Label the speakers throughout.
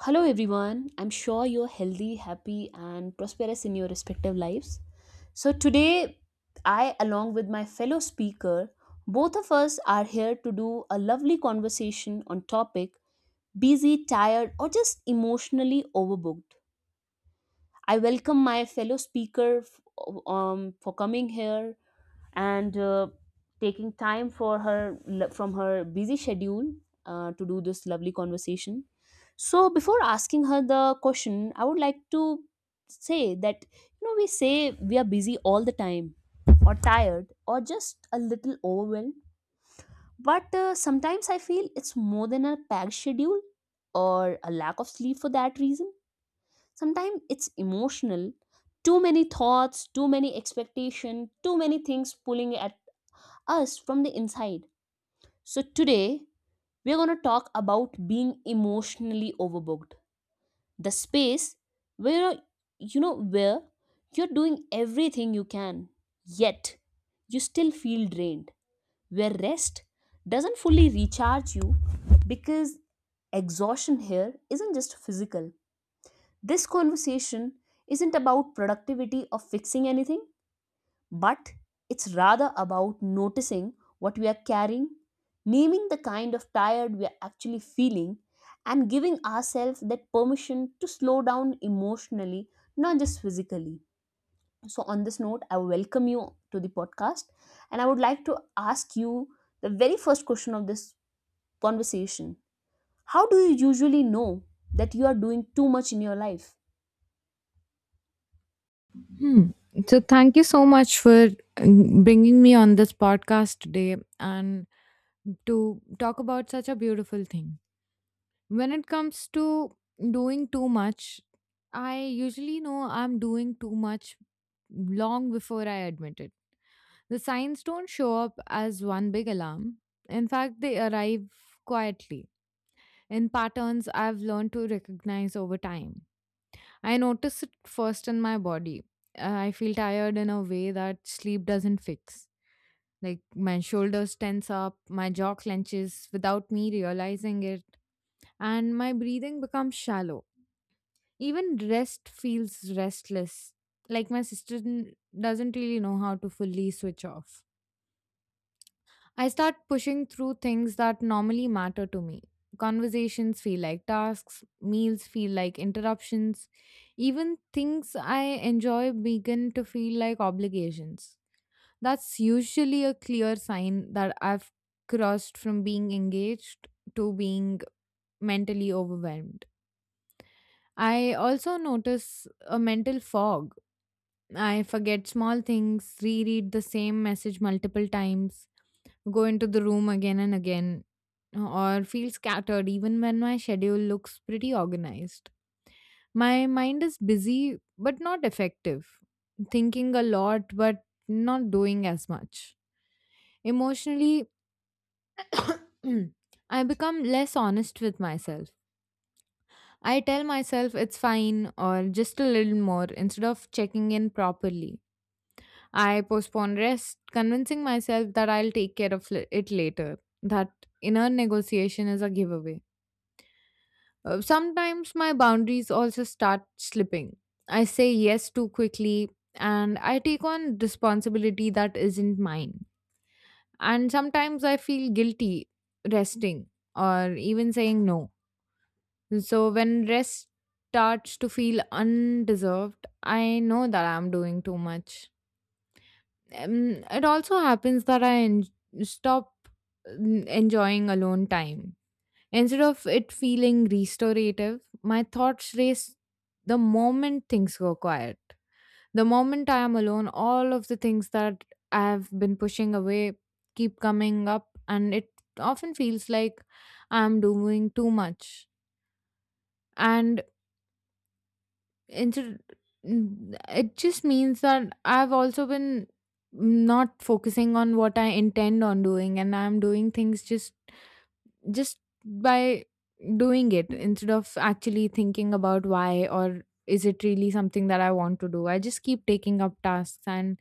Speaker 1: Hello, everyone. I'm sure you're healthy, happy, and prosperous in your respective lives. So, today, I, along with my fellow speaker, both of us are here to do a lovely conversation on topic busy, tired, or just emotionally overbooked. I welcome my fellow speaker for coming here and taking time for her from her busy schedule to do this lovely conversation. So before asking her the question, I would like to say that you know we say we are busy all the time, or tired, or just a little overwhelmed, but sometimes I feel it's more than a packed schedule or a lack of sleep. For that reason, sometimes it's emotional. Too many thoughts, too many expectation, too many things pulling at us from the inside. So, today we're going to talk about being emotionally overbooked. The space where you know where you're doing everything you can, yet you still feel drained, where rest doesn't fully recharge you because exhaustion here isn't just physical. This conversation isn't about productivity or fixing anything, but it's rather about noticing what we are carrying, naming the kind of tired we are actually feeling, and giving ourselves that permission to slow down emotionally, not just physically. So, on this note, I welcome you to the podcast and I would like to ask you the very first question of this conversation. How do you usually know that you are doing too much in your life?
Speaker 2: Hmm. Thank you so much for bringing me on this podcast today and to talk about such a beautiful thing. When it comes to doing too much, I usually know I'm doing too much long before I admit it. The signs don't show up as one big alarm. In fact, they arrive quietly in patterns I've learned to recognize over time. I notice it first in my body. I feel tired in a way that sleep doesn't fix. Like my shoulders tense up, my jaw clenches without me realizing it, and my breathing becomes shallow. Even rest feels restless. Like my system doesn't really know how to fully switch off. I start pushing through things that normally matter to me. Conversations feel like tasks, meals feel like interruptions, even things I enjoy begin to feel like obligations. That's usually a clear sign that I've crossed from being engaged to being mentally overwhelmed. I also notice a mental fog. I forget small things, reread the same message multiple times, go into the room again and again, or feel scattered even when my schedule looks pretty organized. My mind is busy but not effective, thinking a lot but not doing as much. Emotionally, I become less honest with myself. I tell myself it's fine or just a little more instead of checking in properly. I postponed rest, convincing myself that I'll take care of it later. That inner negotiation is a giveaway. Sometimes my boundaries also start slipping. I say yes too quickly and I take on responsibility that isn't mine. And sometimes I feel guilty resting or even saying no. So when rest starts to feel undeserved, I know that I'm doing too much. It also happens that I stop enjoying alone time. Instead of it feeling restorative, my thoughts race the moment things go quiet. The moment I am alone, all of the things that I have been pushing away keep coming up, and it often feels like I am doing too much. And instead it just means that I've also been not focusing on what I intend on doing, and I'm doing things just by doing it instead of actually thinking about why, or is it really something that I want to do. I just keep taking up tasks, and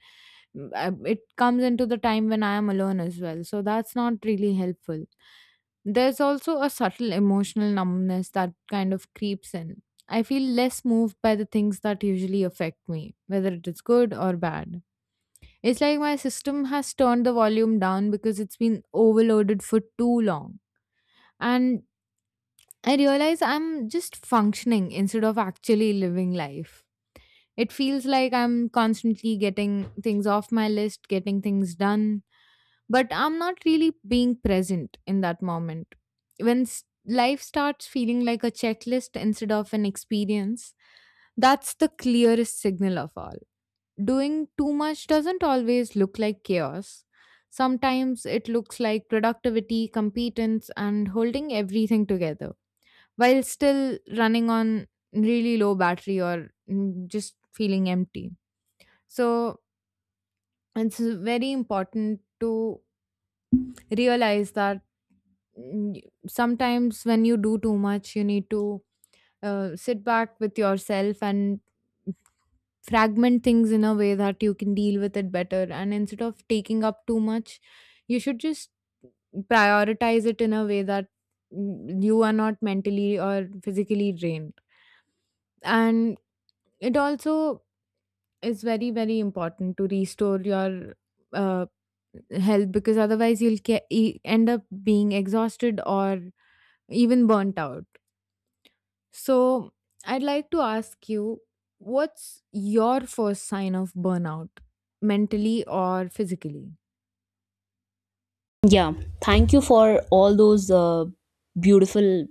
Speaker 2: it comes into the time when I am alone as well, so that's not really helpful. There's also a subtle emotional numbness that kind of creeps in. I feel less moved by the things that usually affect me, whether it is good or bad. It's like my system has turned the volume down because it's been overloaded for too long. And I realize I'm just functioning instead of actually living life. It feels like I'm constantly getting things off my list, getting things done, but I'm not really being present in that moment. When life starts feeling like a checklist instead of an experience, that's the clearest signal of all. Doing too much doesn't always look like chaos. Sometimes it looks like productivity, competence, and holding everything together while still running on really low battery, or just feeling empty. So it's very important to realize that mm, sometimes when you do too much, you need to sit back with yourself and fragment things in a way that you can deal with it better. And instead of taking up too much, you should just prioritize it in a way that you are not mentally or physically drained. And it also is very, very important to restore your. Uh, health, because otherwise you'll end up being exhausted or even burnt out. So, I'd like to ask you, what's your first sign of burnout, mentally or physically?
Speaker 1: Yeah, thank you for all those beautiful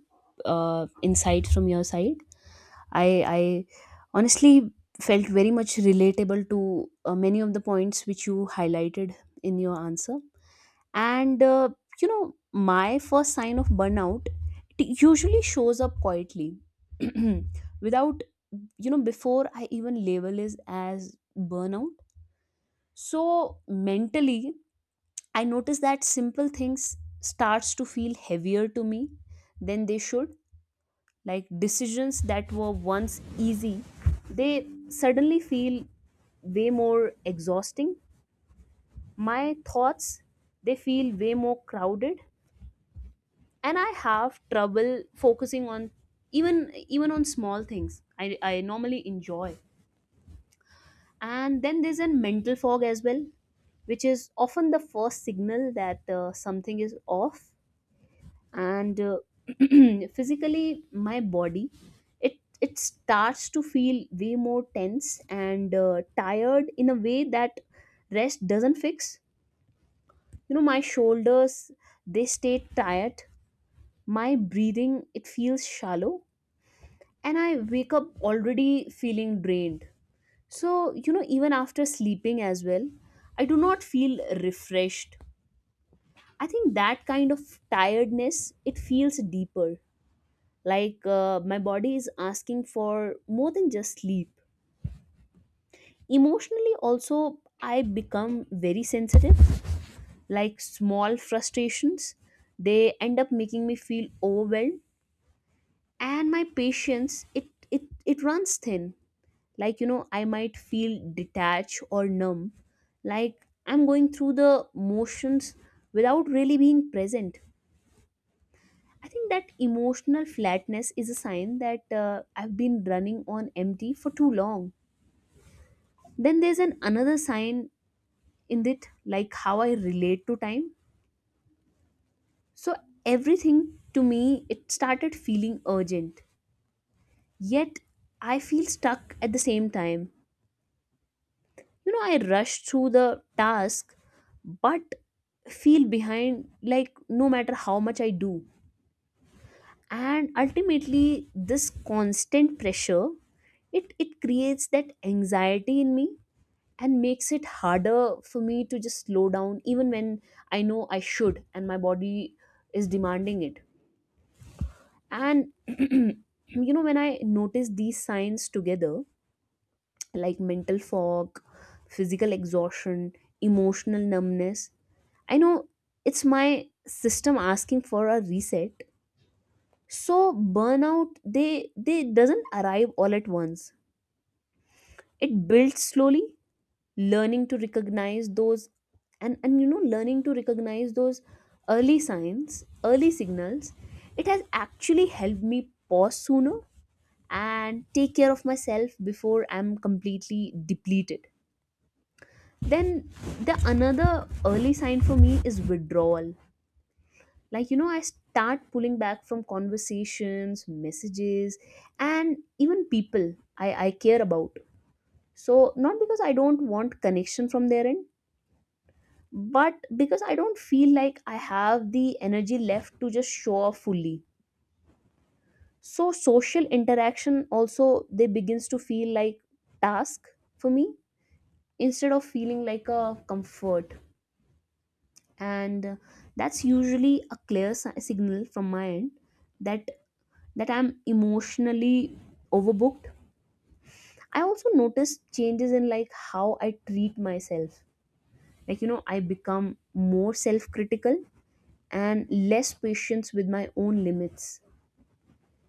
Speaker 1: insights from your side. I honestly felt very much relatable to many of the points which you highlighted in your answer. And my first sign of burnout, it usually shows up quietly, without, before I even label it as burnout. So mentally, I notice that simple things starts to feel heavier to me than they should. Like decisions that were once easy, they suddenly feel way more exhausting. My thoughts, they feel way more crowded, and I have trouble focusing on even on small things I normally enjoy. And then there's a mental fog as well, which is often the first signal that something is off, and physically my body, it starts to feel way more tense and tired in a way that rest doesn't fix. You know, my shoulders, they stay tight, my breathing, it feels shallow, and I wake up already feeling drained. So you know, even after sleeping as well, I do not feel refreshed. I think that kind of tiredness, it feels deeper, like my body is asking for more than just sleep. Emotionally also, I become very sensitive. Like small frustrations, they end up making me feel overwhelmed, and my patience, it runs thin. Like you know, I might feel detached or numb, like I'm going through the motions without really being present. I think that emotional flatness is a sign that I've been running on empty for too long. Then there's an another sign in it, like how I relate to time. So everything to me, it started feeling urgent, yet I feel stuck at the same time. You know, I rush through the task but feel behind, like no matter how much I do. And ultimately this constant pressure, it creates that anxiety in me and makes it harder for me to just slow down even when I know I should and my body is demanding it. And you know, when I notice these signs together, like mental fog, physical exhaustion, emotional numbness, I know it's my system asking for a reset. So burnout, they doesn't arrive all at once, it builds slowly. Learning to recognize those, and you know, learning to recognize those early signs, early signals, it has actually helped me pause sooner and take care of myself before I'm completely depleted. Then the another early sign for me is withdrawal. Like you know, I start pulling back from conversations, messages, and even people I care about. So not because I don't want connection from their end, but because I don't feel like I have the energy left to just show off fully. So social interaction also, they begins to feel like task for me, instead of feeling like a comfort. And that's usually a clear signal from my end that I'm emotionally overbooked. I also notice changes in like how I treat myself. Like you know, I become more self critical and less patience with my own limits.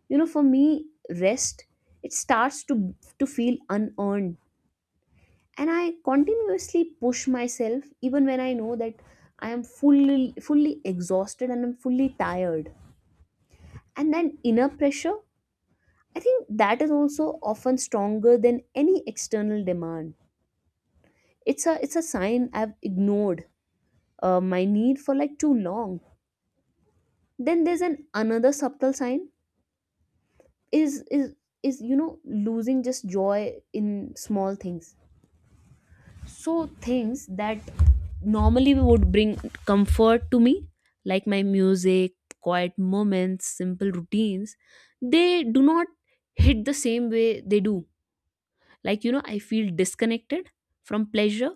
Speaker 1: You know, for me, rest, it starts to feel unearned, and I continuously push myself even when I know that I am fully exhausted and I'm fully tired. And then inner pressure, I think that is also often stronger than any external demand. It's a sign I've ignored my need for like too long. Then there's an another subtle sign is is is you know, losing just joy in small things. So things that normally would bring comfort to me, like my music, quiet moments, simple routines, they do not hit the same way they do. Like you know, I feel disconnected from pleasure,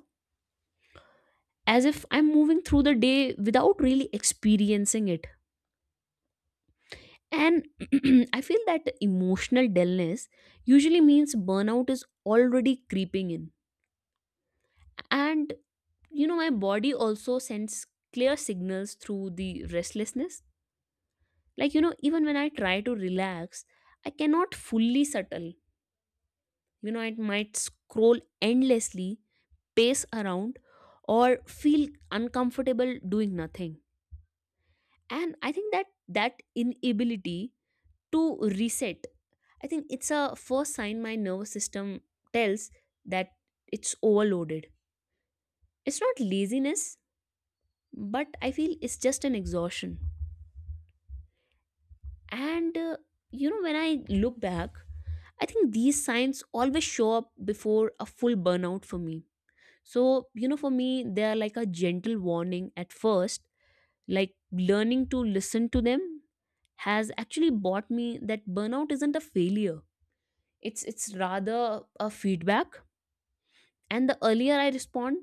Speaker 1: as if I'm moving through the day without really experiencing it. And I feel that emotional dullness usually means burnout is already creeping in. And you know, my body also sends clear signals through the restlessness. Like you know, even when I try to relax, I cannot fully settle. You know, it might scroll endlessly, pace around, or feel uncomfortable doing nothing. And I think that inability to reset, I think it's a first sign my nervous system tells that it's overloaded. It's not laziness, but I feel it's just an exhaustion. And you know, when I look back, I think these signs always show up before a full burnout for me. So, you know, for me, they are like a gentle warning at first. Like learning to listen to them has actually bought me that burnout isn't a failure. It's rather a feedback. And the earlier I respond,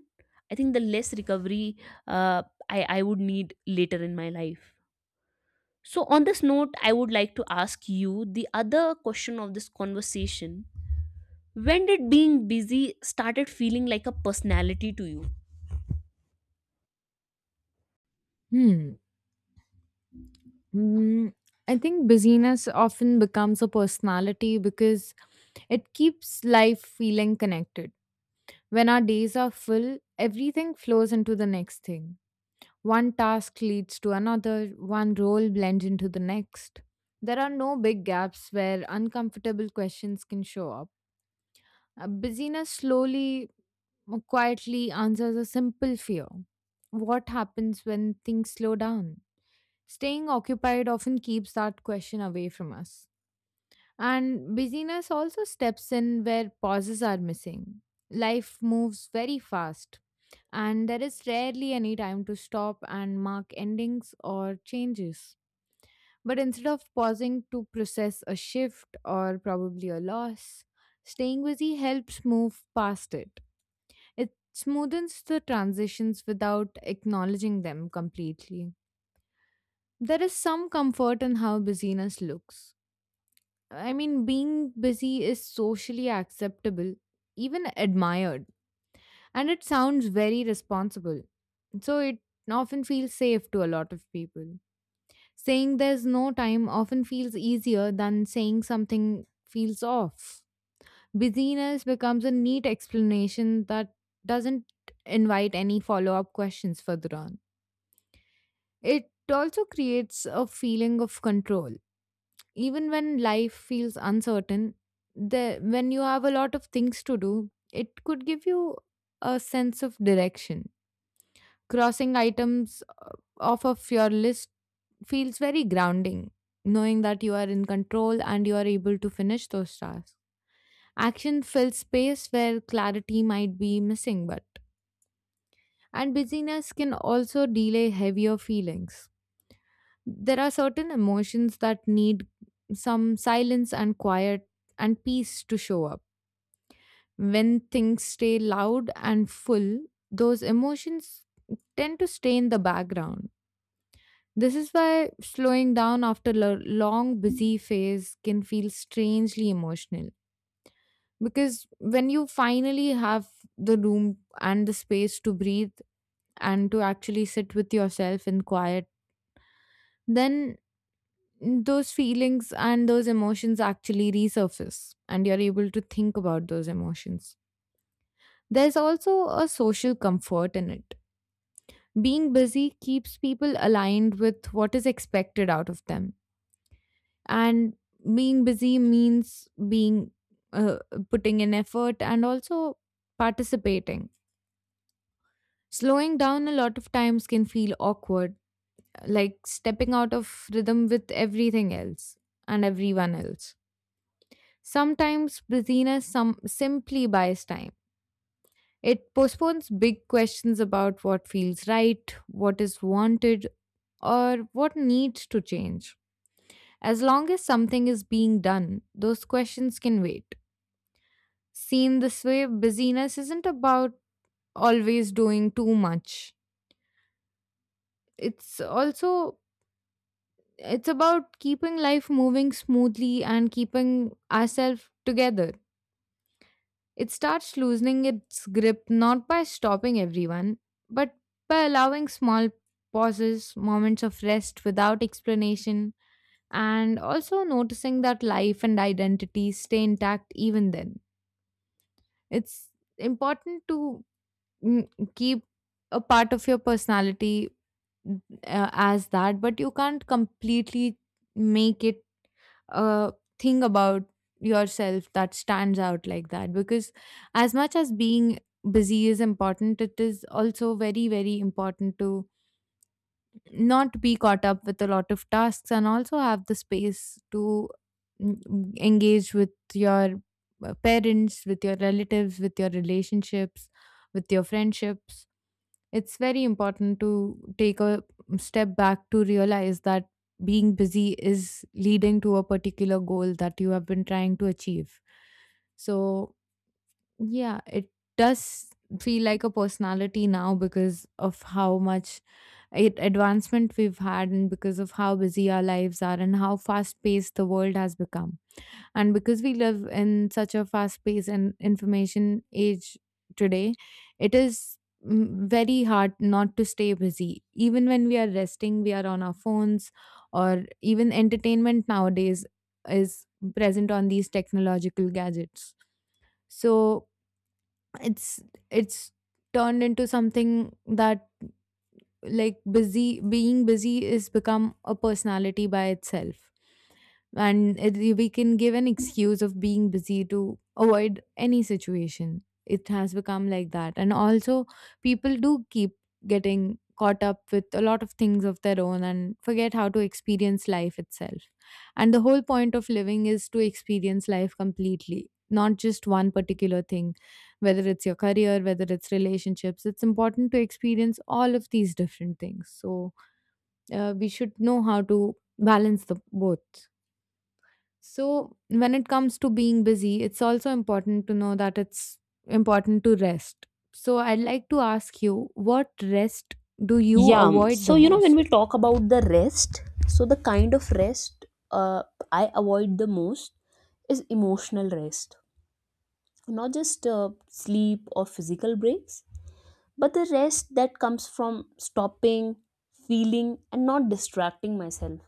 Speaker 1: I think the less recovery uh, I would need later in my life. So, on this note, I would like to ask you the other question of this conversation. When did being busy started feeling like a personality to you?
Speaker 2: Hmm. Mm, I think busyness often becomes a personality because it keeps life feeling connected. When our days are full, everything flows into the next thing. One task leads to another, one role blends into the next. There are no big gaps where uncomfortable questions can show up. Busyness slowly, quietly answers a simple fear: what happens when things slow down? Staying occupied often keeps that question away from us. And busyness also steps in where pauses are missing. Life moves very fast, and there is rarely any time to stop and mark endings or changes. But instead of pausing to process a shift or probably a loss, staying busy helps move past it. Smoothens the transitions without acknowledging them completely. There is some comfort in how busyness looks. I mean, being busy is socially acceptable, even admired, and it sounds very responsible. So it often feels safe to a lot of people. Saying there's no time often feels easier than saying something feels off. Busyness becomes a neat explanation that doesn't invite any follow up questions further on. It also creates a feeling of control. Even when life feels uncertain, the, when you have a lot of things to do, it could give you a sense of direction. Crossing items off of your list feels very grounding, knowing that you are in control and you are able to finish those tasks. Action fills space where clarity might be missing, but and busyness can also delay heavier feelings. There are certain emotions that need some silence and quiet and peace to show up. When things stay loud and full, those emotions tend to stay in the background. This is why slowing down after a long, busy phase can feel strangely emotional. Because when you finally have the room and the space to breathe and to actually sit with yourself in quiet, then those feelings and those emotions actually resurface and you're able to think about those emotions. There's also a social comfort in it. Being busy keeps people aligned with what is expected out of them. And being busy means being uh, putting in effort and also participating. Slowing down a lot of times can feel awkward, like stepping out of rhythm with everything else and everyone else. Sometimes busyness some simply buys time. It postpones big questions about what feels right, what is wanted, or what needs to change. As long as something is being done, those questions can wait. Seen this way, busyness isn't about always doing too much. It's also it's about keeping life moving smoothly and keeping ourselves together. It starts loosening its grip not by stopping everyone, but by allowing small pauses, moments of rest without explanation, and also noticing that life and identity stay intact even then. It's important to mm, keep a part of your personality as that, but you can't completely make it a thing about yourself that stands out like that, because as much as being busy is important, it is also very, very important to not be caught up with a lot of tasks and also have the space to engage with your parents, with your relatives, with your relationships, with your friendships. It's very important to take a step back to realize that being busy is leading to a particular goal that you have been trying to achieve. So, yeah, it does feel like a personality now because of how much advancement we've had, and because of how busy our lives are and how fast paced the world has become. And because we live in such a fast paced and information age today, it is very hard not to stay busy. Even when we are resting, we are on our phones, or even entertainment nowadays is present on these technological gadgets. So it's it's turned into something that, like, busy, being busy is become a personality by itself, and it, we can give an excuse of being busy to avoid any situation. It has become like that, and also people do keep getting caught up with a lot of things of their own and forget how to experience life itself. And the whole point of living is to experience life completely, not just one particular thing, whether it's your career, whether it's relationships. It's important to experience all of these different things, so we should know how to balance the both. So, when it comes to being busy, it's also important to know that it's important to rest. So, I'd like to ask you, what rest do you
Speaker 1: Yeah, um,
Speaker 2: avoid
Speaker 1: so
Speaker 2: the
Speaker 1: you know, when we
Speaker 2: most?
Speaker 1: talk about the rest, so the kind of rest uh, I avoid the most is emotional rest, not just sleep or physical breaks, but the rest that comes from stopping, feeling, and not distracting myself.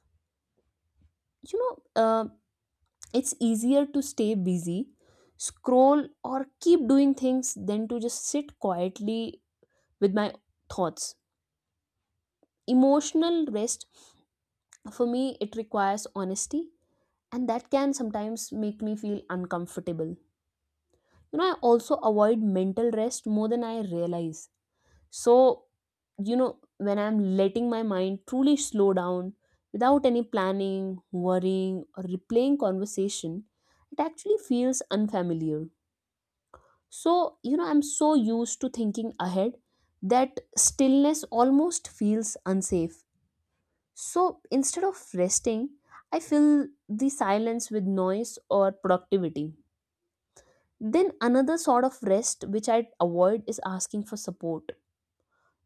Speaker 1: You know, it's easier to stay busy, scroll, or keep doing things than to just sit quietly with my thoughts. Emotional rest, for me, it requires honesty, and that can sometimes make me feel uncomfortable. You know, I also avoid mental rest more than I realize. So, you know, when I'm letting my mind truly slow down without any planning, worrying, or replaying conversation, it actually feels unfamiliar. So, you know, I'm so used to thinking ahead that stillness almost feels unsafe. So, instead of resting, I fill the silence with noise or productivity. Then, another sort of rest which I avoid is asking for support,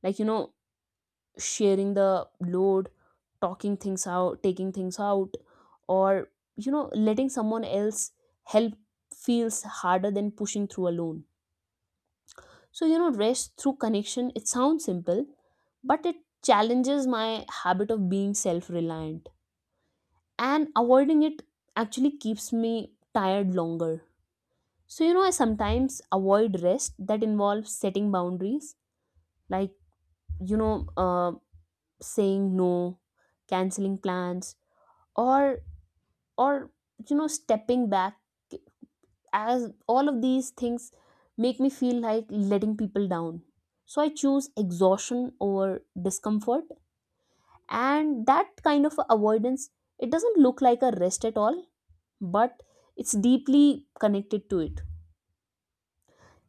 Speaker 1: like, you know, sharing the load, talking things out, taking things out, or, you know, letting someone else help feels harder than pushing through alone. So, you know, rest through connection, it sounds simple, but it challenges my habit of being self reliant. And avoiding it actually keeps me tired longer. So, you know, I sometimes avoid rest that involves setting boundaries, like, you know, saying no, canceling plans, or, or, you know, stepping back, as all of these things make me feel like letting people down. So I choose exhaustion over discomfort, and that kind of avoidance, it doesn't look like a rest at all, but it's deeply connected to it.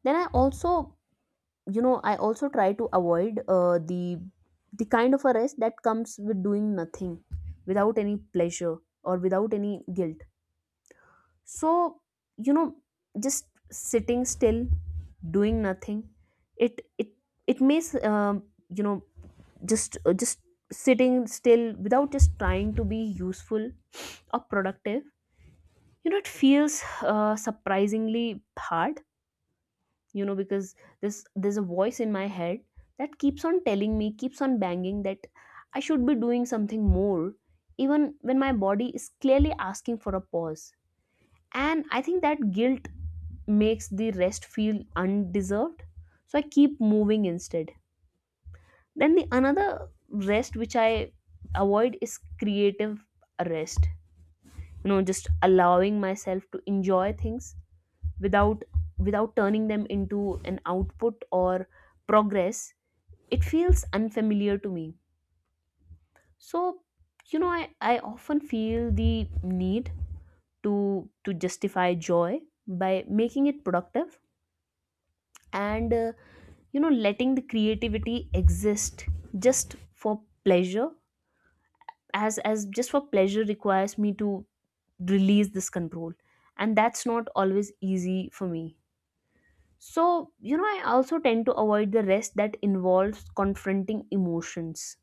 Speaker 1: Then I also, you know, I also try to avoid the kind of a rest that comes with doing nothing, without any pleasure or without any guilt. So you know, just sitting still, doing nothing, it it it makes you know, just sitting still without just trying to be useful or productive, you know, it feels surprisingly hard. You know, because this there's a voice in my head that keeps on telling me, keeps on banging that I should be doing something more, even when my body is clearly asking for a pause. And I think that guilt makes the rest feel undeserved, so I keep moving instead. Then the another rest which I avoid is creative rest. You know, just allowing myself to enjoy things without, turning them into an output or progress, it feels unfamiliar to me. So you know, I often feel the need to justify joy by making it productive. And you know, letting the creativity exist just for pleasure, as just for pleasure requires me to release this control, and that's not always easy for me. So you know, I also tend to avoid the rest that involves confronting emotions.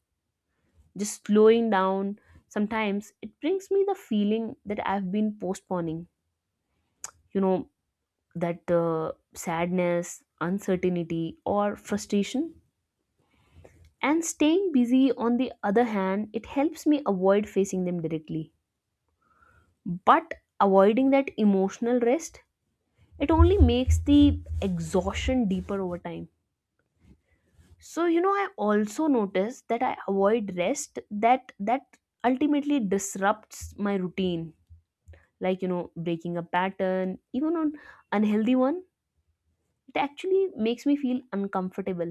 Speaker 1: Just slowing down sometimes it brings me the feeling that I've been postponing, you know, that sadness, uncertainty, or frustration. And staying busy, on the other hand, it helps me avoid facing them directly. But avoiding that emotional rest, it only makes the exhaustion deeper over time. So, you know, I also notice that I avoid rest that ultimately disrupts my routine. Like, you know, breaking a pattern, even on unhealthy one, it actually makes me feel uncomfortable.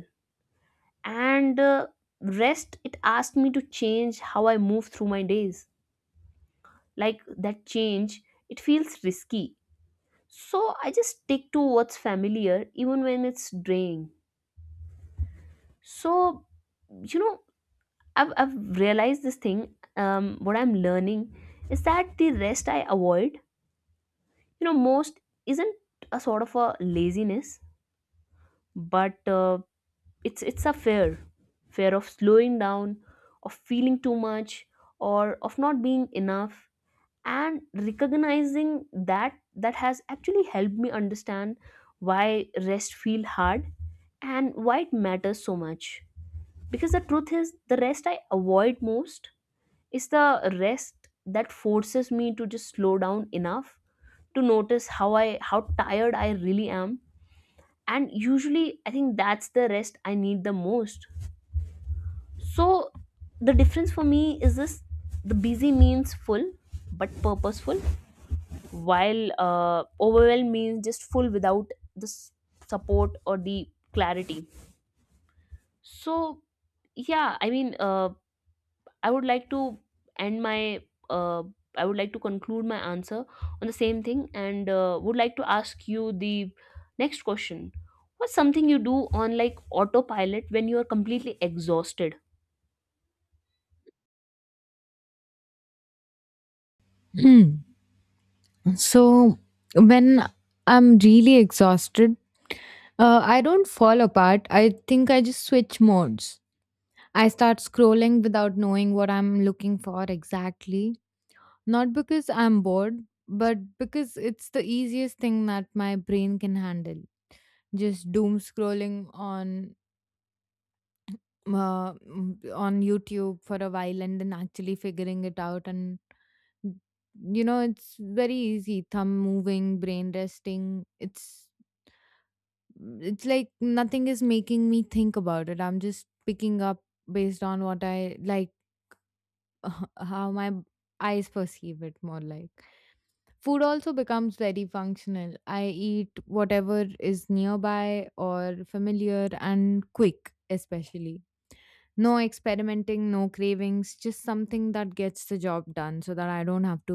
Speaker 1: And rest, it asks me to change how I move through my days. Like that change, it feels risky, so I just stick to what's familiar even when it's draining. So you know, I've realized this thing, what I'm learning is that the rest I avoid, you know, most isn't a sort of a laziness, but it's a fear, fear of slowing down, of feeling too much, or of not being enough. And recognizing that has actually helped me understand why rest feel hard and why it matters so much, because the truth is the rest I avoid most is the rest that forces me to just slow down enough to notice how I how tired I really am, and usually I think that's the rest I need the most. So the difference for me is this: the busy means full but purposeful, while overwhelmed means just full without the support or the clarity. So yeah, I mean, i would like to end my uh, I would like to conclude my answer on the same thing, and would like to ask you the next question. What's something you do on like autopilot when you are completely exhausted?
Speaker 2: Hmm. So, when I'm really exhausted, I don't fall apart. I think I just switch modes. I start scrolling without knowing what I'm looking for exactly. Not because I'm bored, but because it's the easiest thing that my brain can handle. Just doom scrolling on on YouTube for a while and then actually figuring it out and you know It's very easy, thumb moving, brain resting. It's like nothing is making me think about it. I'm just picking up based on what I like. how my b- eyes perceive it, more like. Food also becomes very functional. I eat whatever is nearby or familiar and quick, especially. No experimenting, no cravings, just something that gets the job done so that I don't have to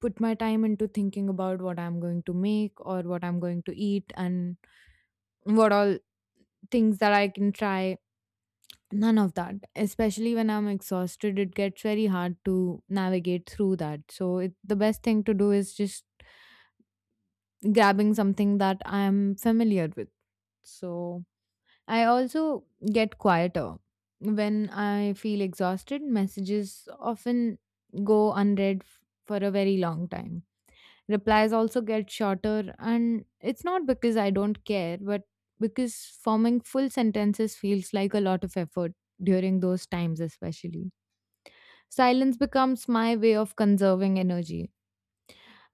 Speaker 2: put my time into thinking about what I'm going to make or what I'm going to eat and what all things that I can try. None of that. Especially when I'm exhausted, it gets very hard to navigate through that. So, the best thing to do is just grabbing something that I'm familiar with. So, I also get quieter. When I feel exhausted, messages often go for a very long time. Replies also get shorter, and it's not because I don't care, but because forming full sentences feels like a lot of effort during those times, especially. Silence becomes my way of conserving energy,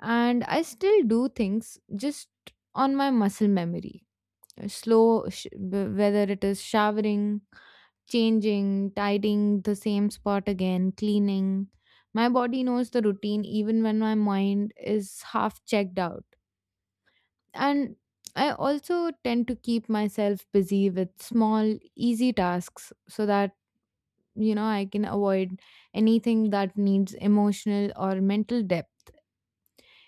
Speaker 2: and I still do things just on my muscle memory. Whether it is showering, changing, tidying the same spot again, cleaning. My body knows the routine even when my mind is half checked out. And I also tend to keep myself busy with small, easy tasks so that, I can avoid anything that needs emotional or mental depth.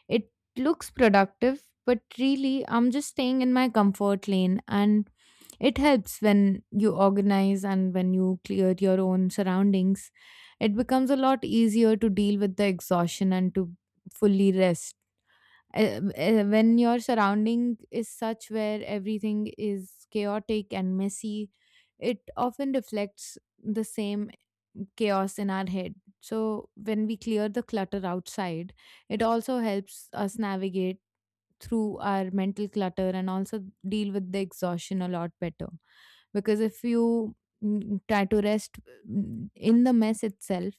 Speaker 2: It looks productive, but really, I'm just staying in my comfort lane. And it helps when you organize and when you clear your own surroundings. It becomes a lot easier to deal with the exhaustion and to fully rest when your surrounding is such where everything is chaotic and messy, it often reflects the same chaos in our head. So when we clear the clutter outside, it also helps us navigate through our mental clutter and also deal with the exhaustion a lot better. Because if you try to rest in the mess itself,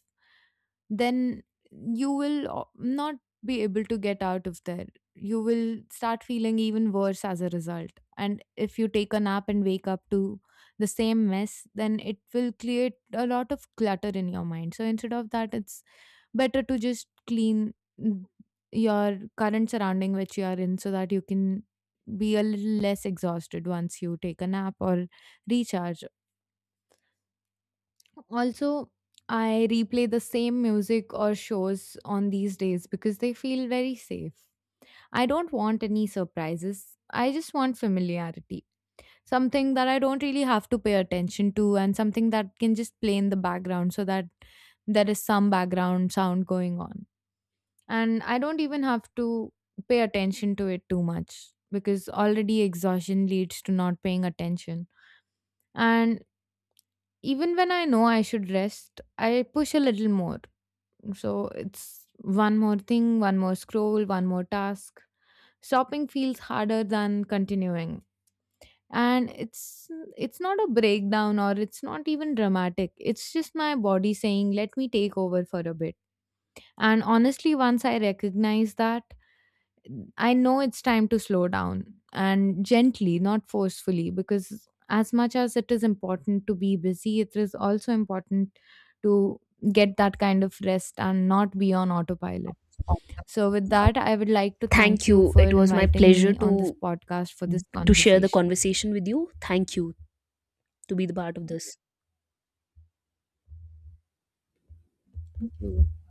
Speaker 2: then you will not be able to get out of there. You will start feeling even worse as a result. And if you take a nap and wake up to the same mess, then it will create a lot of clutter in your mind. So instead of that, it's better to just clean mm, your current surrounding which you are in so that you can be a little less exhausted once you take a nap or recharge. Also, I replay the same music or shows on these days because they feel very safe. I don't want any surprises. I just want familiarity. Something that I don't really have to pay attention to and something that can just play in the background so that there is some background sound going on. And I don't even have to pay attention to it too much because already exhaustion leads to not paying attention. And even when I know I should rest, I push a little more. So it's one more thing, one more scroll, one more task. Stopping feels harder than continuing. And it's not a breakdown or it's not even dramatic. It's just my body saying, let me take over for a bit. And honestly, once I recognize that, I know it's time to slow down and gently, not forcefully, because as much as it is important to be busy, it is also important to get that kind of rest and not be on autopilot. So, with that, I would like to
Speaker 1: Thank
Speaker 2: thank you
Speaker 1: you,
Speaker 2: for
Speaker 1: it was my
Speaker 2: inviting
Speaker 1: pleasure
Speaker 2: me on this
Speaker 1: to
Speaker 2: podcast for this
Speaker 1: share the
Speaker 2: conversation.
Speaker 1: conversation with you. Thank you to be the part of this.
Speaker 2: Thank you.